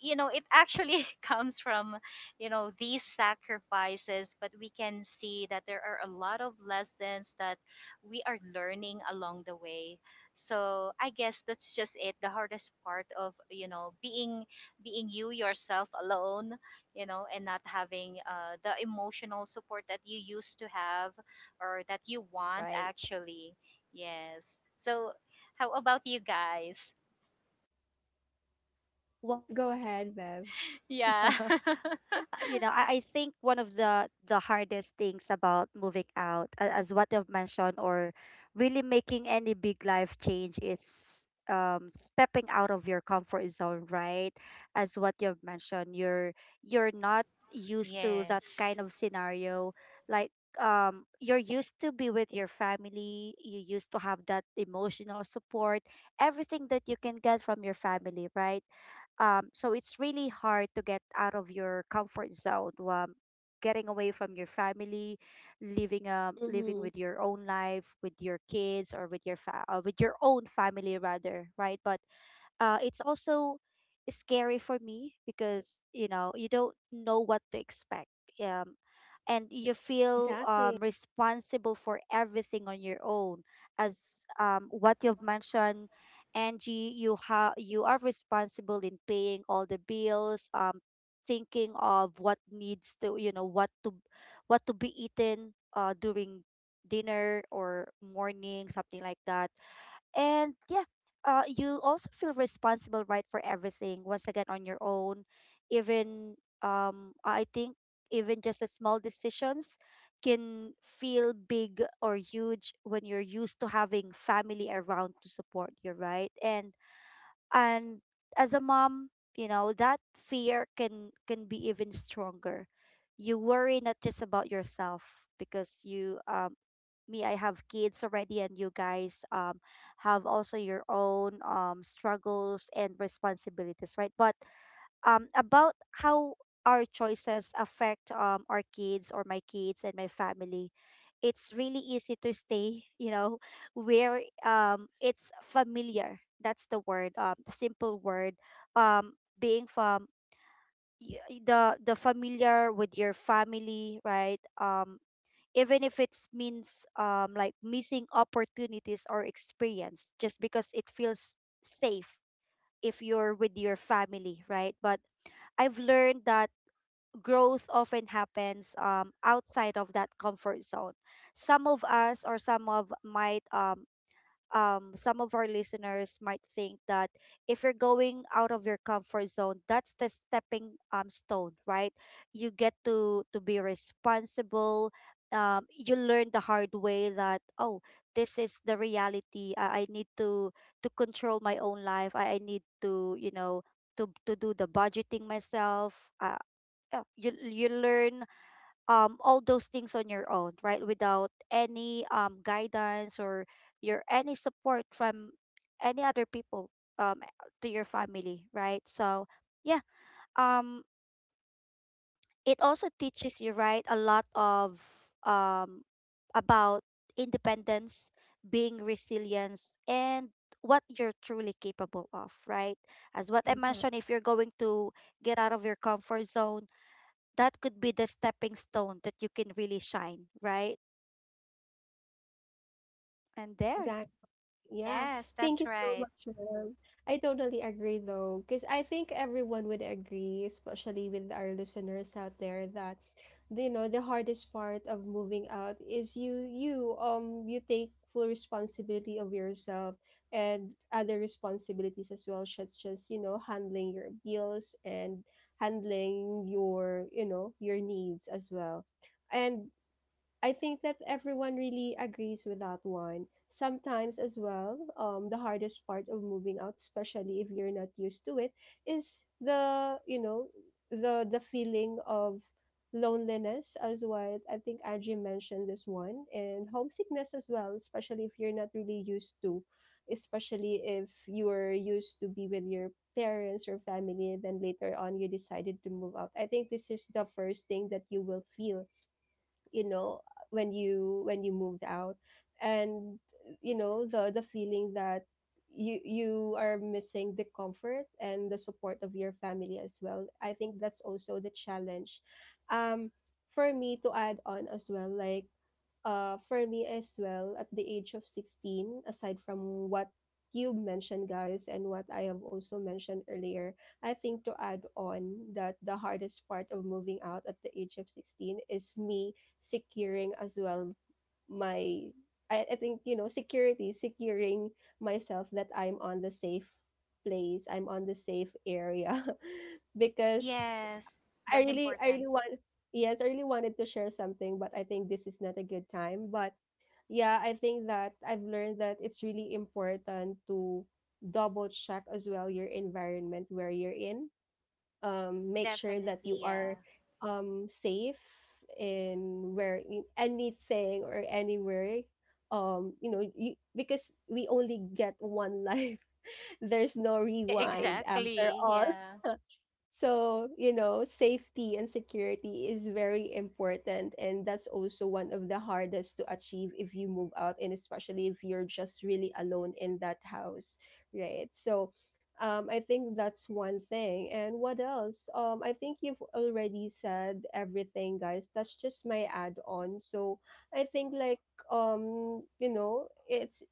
Speaker 2: you know it actually [laughs] comes from you know these sacrifices, but we can see that there are a lot of lessons that we are learning along the way. So I guess that's just it, the hardest part of you know being being you yourself alone, you know, and not having, the emotional support that you used to have or that you want,
Speaker 3: Right.
Speaker 2: actually. Yes. So how about you guys?
Speaker 3: Well, for
Speaker 1: Go ahead, Bev.
Speaker 2: [laughs]
Speaker 3: me, [laughs]
Speaker 2: Yeah.
Speaker 3: you know, I think one of the hardest things about moving out, as what I've mentioned, or really making any big life change, is stepping out of your comfort zone, right? As what you've mentioned, you're not used to that
Speaker 2: [laughs] Yes.
Speaker 3: kind of scenario. Like, you're used to be with your family, you used to have that emotional support, everything that you can get from your family, right? So it's really hard to get out of your comfort zone. Getting away from your family, living, living
Speaker 1: Mm-hmm.
Speaker 3: with your own life, with your kids, or with your with your own family rather, right? But it's also scary for me, because you know you don't know what to expect. Um, and you feel
Speaker 1: Exactly.
Speaker 3: responsible for everything on your own, as what you've mentioned, Angie. You are responsible in paying all the bills. Thinking of what needs to, you know, what to be eaten during dinner or morning, something like that. And yeah, you also feel responsible, right, for everything once again on your own. Even, I think even just the small decisions can feel big or huge when you're used to having family around to support you, right? And as a mom, you know that fear can be even stronger. You worry not just about yourself, because you me, I have kids already, and you guys have also your own struggles and responsibilities, right? But about how our choices affect our kids or my kids and my family. It's really easy to stay [laughs] you know where, it's familiar, that's the word, the simple word, being from the familiar with your family, right? Even if it means, like missing opportunities or experience just because it feels safe if you're with your family, right? But I've learned that growth often happens outside of that comfort zone. Some of us or some of might, some of our listeners might think that if you're going out of your comfort zone, that's the stepping, stone, right? You get to be responsible. You learn the hard way that, oh, this is the reality. I need to control my own life. I need to, you know, to do the budgeting myself. You you learn all those things on your own, right, without any guidance or your any support from any other people, um to your family, right? So yeah, um it also teaches you, right, a lot of, about independence, being resilience, and what you're truly capable of, right? As what I mentioned, if you're going to get out of your comfort zone, that could be the stepping stone that you can really shine, right? And there.
Speaker 1: Exactly. Yeah,
Speaker 2: Yes,
Speaker 1: thank
Speaker 2: that's
Speaker 1: you so
Speaker 2: right.
Speaker 1: much, ma'am. I totally agree though, because I think everyone would agree, especially with our listeners out there, that you know the hardest part of moving out is you you take full responsibility of yourself and other responsibilities as well, such as, you know, handling your bills and handling your, you know, your needs as well. And I think that everyone really agrees with that one. Sometimes, as well, the hardest part of moving out, especially if you're not used to it, is the, you know, the feeling of loneliness as well. I think Angie mentioned this one, and homesickness as well, especially if you're not really used to, especially if you were used to be with your parents or family, and then later on you decided to move out. I think this is the first thing that you will feel, you know, when you moved out. And you know, the feeling that you are missing the comfort and the support of your family as well, I think that's also the challenge. Um, for me to add on as well, like, for me as well, at the age of 16, aside from what you mentioned, guys, and what I have also mentioned earlier, I think to add on that the hardest part of moving out at the age of 16 is me securing as well my, I think, you know, security, securing myself that I'm on the safe place, I'm on the safe area. [laughs] because
Speaker 2: Yes, that's
Speaker 1: I
Speaker 2: important.
Speaker 1: really want yes, I really wanted to share something, but I think this is not a good time. But yeah, I think that I've learned that it's really important to double check as well your environment where you're in. Make sure that you
Speaker 2: Definitely,
Speaker 1: are
Speaker 2: yeah.
Speaker 1: safe in where in anything or anywhere. You know, you, because we only get one life. [laughs] There's no
Speaker 3: Yeah.
Speaker 1: rewind after
Speaker 2: Exactly,
Speaker 1: all.
Speaker 2: yeah.
Speaker 1: [laughs] So, you know, safety and security is very important. And that's also one of the hardest to achieve if you move out, and especially if you're just really alone in that house, right? So, I think that's one thing. And what else? I think you've already said everything, guys. That's just my add on. So, I think, like, you know, it's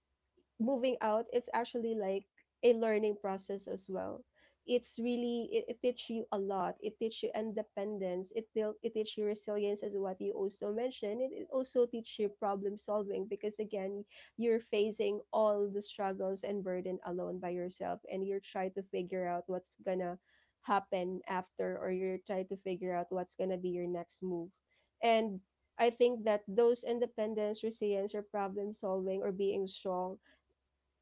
Speaker 1: moving out, it's actually like a learning process as well. It's really, it teaches you a lot. It teaches you independence. It will it teaches you resilience, as what you also mentioned. It also teaches you problem solving, because again, you're facing all the struggles and burden alone by yourself, and you're trying to figure out what's gonna happen after, or you're trying to figure out what's gonna be your next move. And I think that those independence, resilience, or problem solving, or being strong,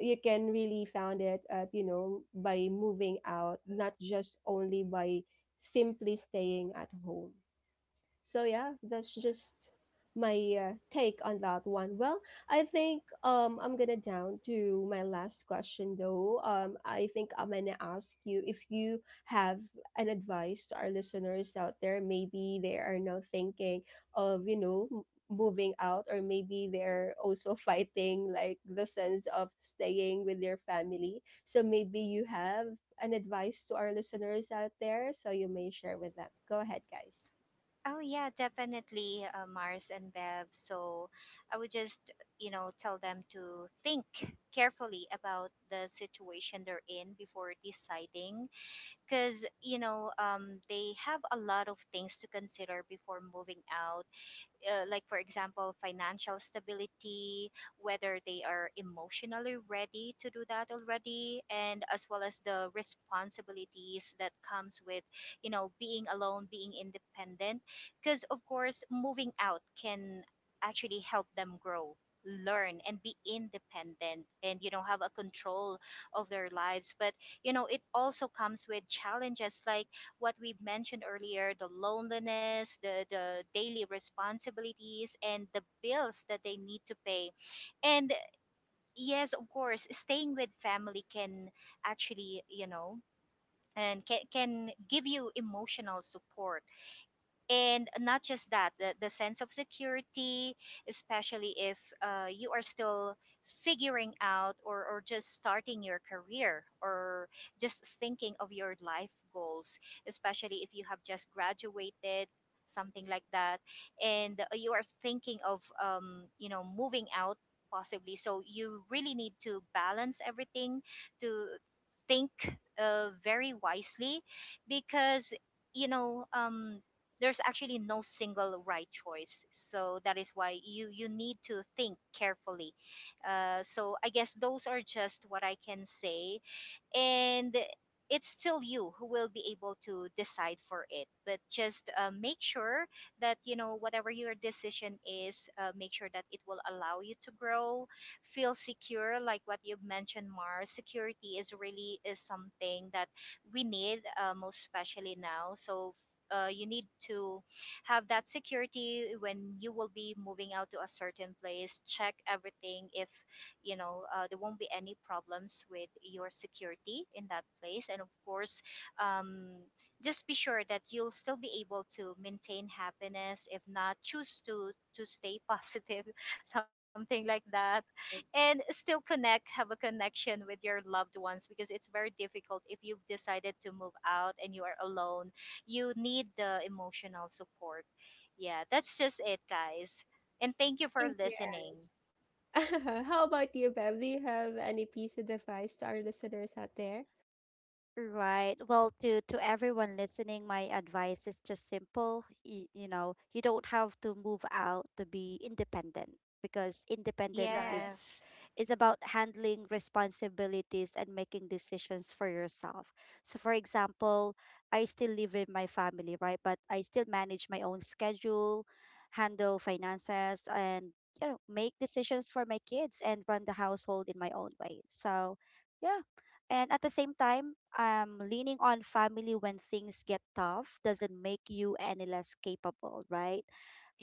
Speaker 1: you can really found it at, you know, by moving out, not just only by simply staying at home. So yeah, that's just my take on that one. Well, I think, um, I'm gonna down to my last question though. Um, I think I'm gonna ask you if you have an advice to our listeners out there. Maybe they are now thinking of, you know, moving out, or maybe they're also [laughs] fighting like the sense of staying with their family. So maybe you have an advice to our listeners out there, so you may share with them. Go ahead, guys.
Speaker 2: Oh, yeah, definitely, Mars and Bev. So I would just, you know, tell them to think carefully about the situation they're in before deciding. Because, you know, they have a lot of things to consider before moving out, like for example financial stability, whether they are emotionally ready to do that already, and as well as the responsibilities that comes with you know being alone, being independent. Because of course moving out can actually help them grow, learn and be independent, and you know have a control of their lives. But you know it also comes with challenges, like what we've mentioned earlier, the loneliness, the daily responsibilities, and the bills that they need to pay. And yes, of course staying with family can actually you know and can give you emotional support, and not just that, the sense of security, especially if, you are still figuring out, or just starting your career, or just thinking of your life goals, especially if you have just graduated, something like that, and you are thinking of, you know moving out possibly. So you really need to balance everything, to think, very wisely, because you know, there's actually no single right choice. So that is why you need to think carefully, so I guess those are just what I can say. And it's still you who will be able to decide for it, but just, make sure that you know whatever your decision is, make sure that it will allow you to grow, feel secure, like what you've mentioned, Mars. Security is really is something that we need, most especially now. So, you need to have that security when you will be moving out to a certain place. Check everything if you know, there won't be any problems with your security in that place. And of course, um, just be sure that you'll still be able to maintain happiness, if not choose to stay positive, [laughs] something like that, and still connect, have a connection with your loved ones, because it's very difficult if you've decided to move out and you are alone. You need the emotional support. Yeah, that's just it, guys, and thank you for
Speaker 1: Thank you.
Speaker 2: listening.
Speaker 1: [laughs] How about you, Bev? Do you have any piece of advice to our listeners out there?
Speaker 3: Right. Well, to everyone listening, my advice is just simple. You know, you don't have to move out to be independent, because independence
Speaker 1: Right.
Speaker 2: Yes.
Speaker 3: is about handling responsibilities and making decisions for yourself. So for example, I still live with my family, right? But I still manage my own schedule, handle finances, and you know, make decisions for my kids and run the household in my own way. So yeah. And at the same time, leaning on family when things get tough doesn't make you any less capable, right?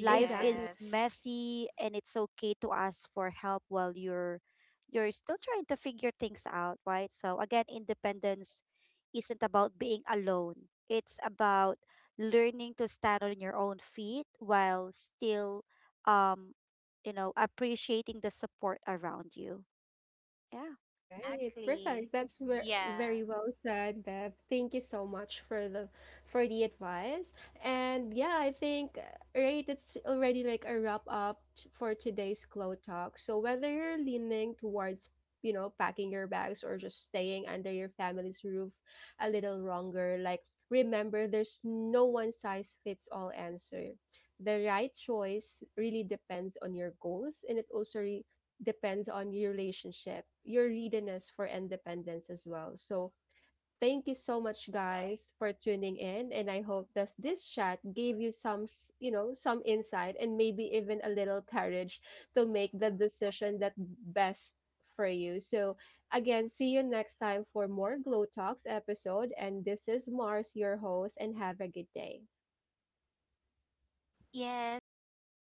Speaker 3: Life
Speaker 1: Exactly.
Speaker 3: is messy, and it's okay to ask for help while you're still trying to figure things out, right? So again, independence isn't about being alone. It's about learning to stand on your own feet while still, um, you know, appreciating the support around you. Yeah.
Speaker 1: All right,
Speaker 2: exactly.
Speaker 1: perfect. That's
Speaker 2: Yeah.
Speaker 1: very well said, Bev. Thank you so much for the advice. And yeah, I think right, it's already like a wrap up for today's Glow Talk. So whether you're leaning towards, you know, packing your bags, or just staying under your family's roof a little longer, like, remember, there's no one size fits all answer. The right choice really depends on your goals, and it also re depends on your relationship, your readiness for independence as well. So, thank you so much, guys, for tuning in, and I hope that this chat gave you some, you know, some insight, and maybe even a little courage to make the decision that best for you. So, again, see you next time for more Glow Talks episode, and this is Mars, your host, and have a good day.
Speaker 2: Yes, thank you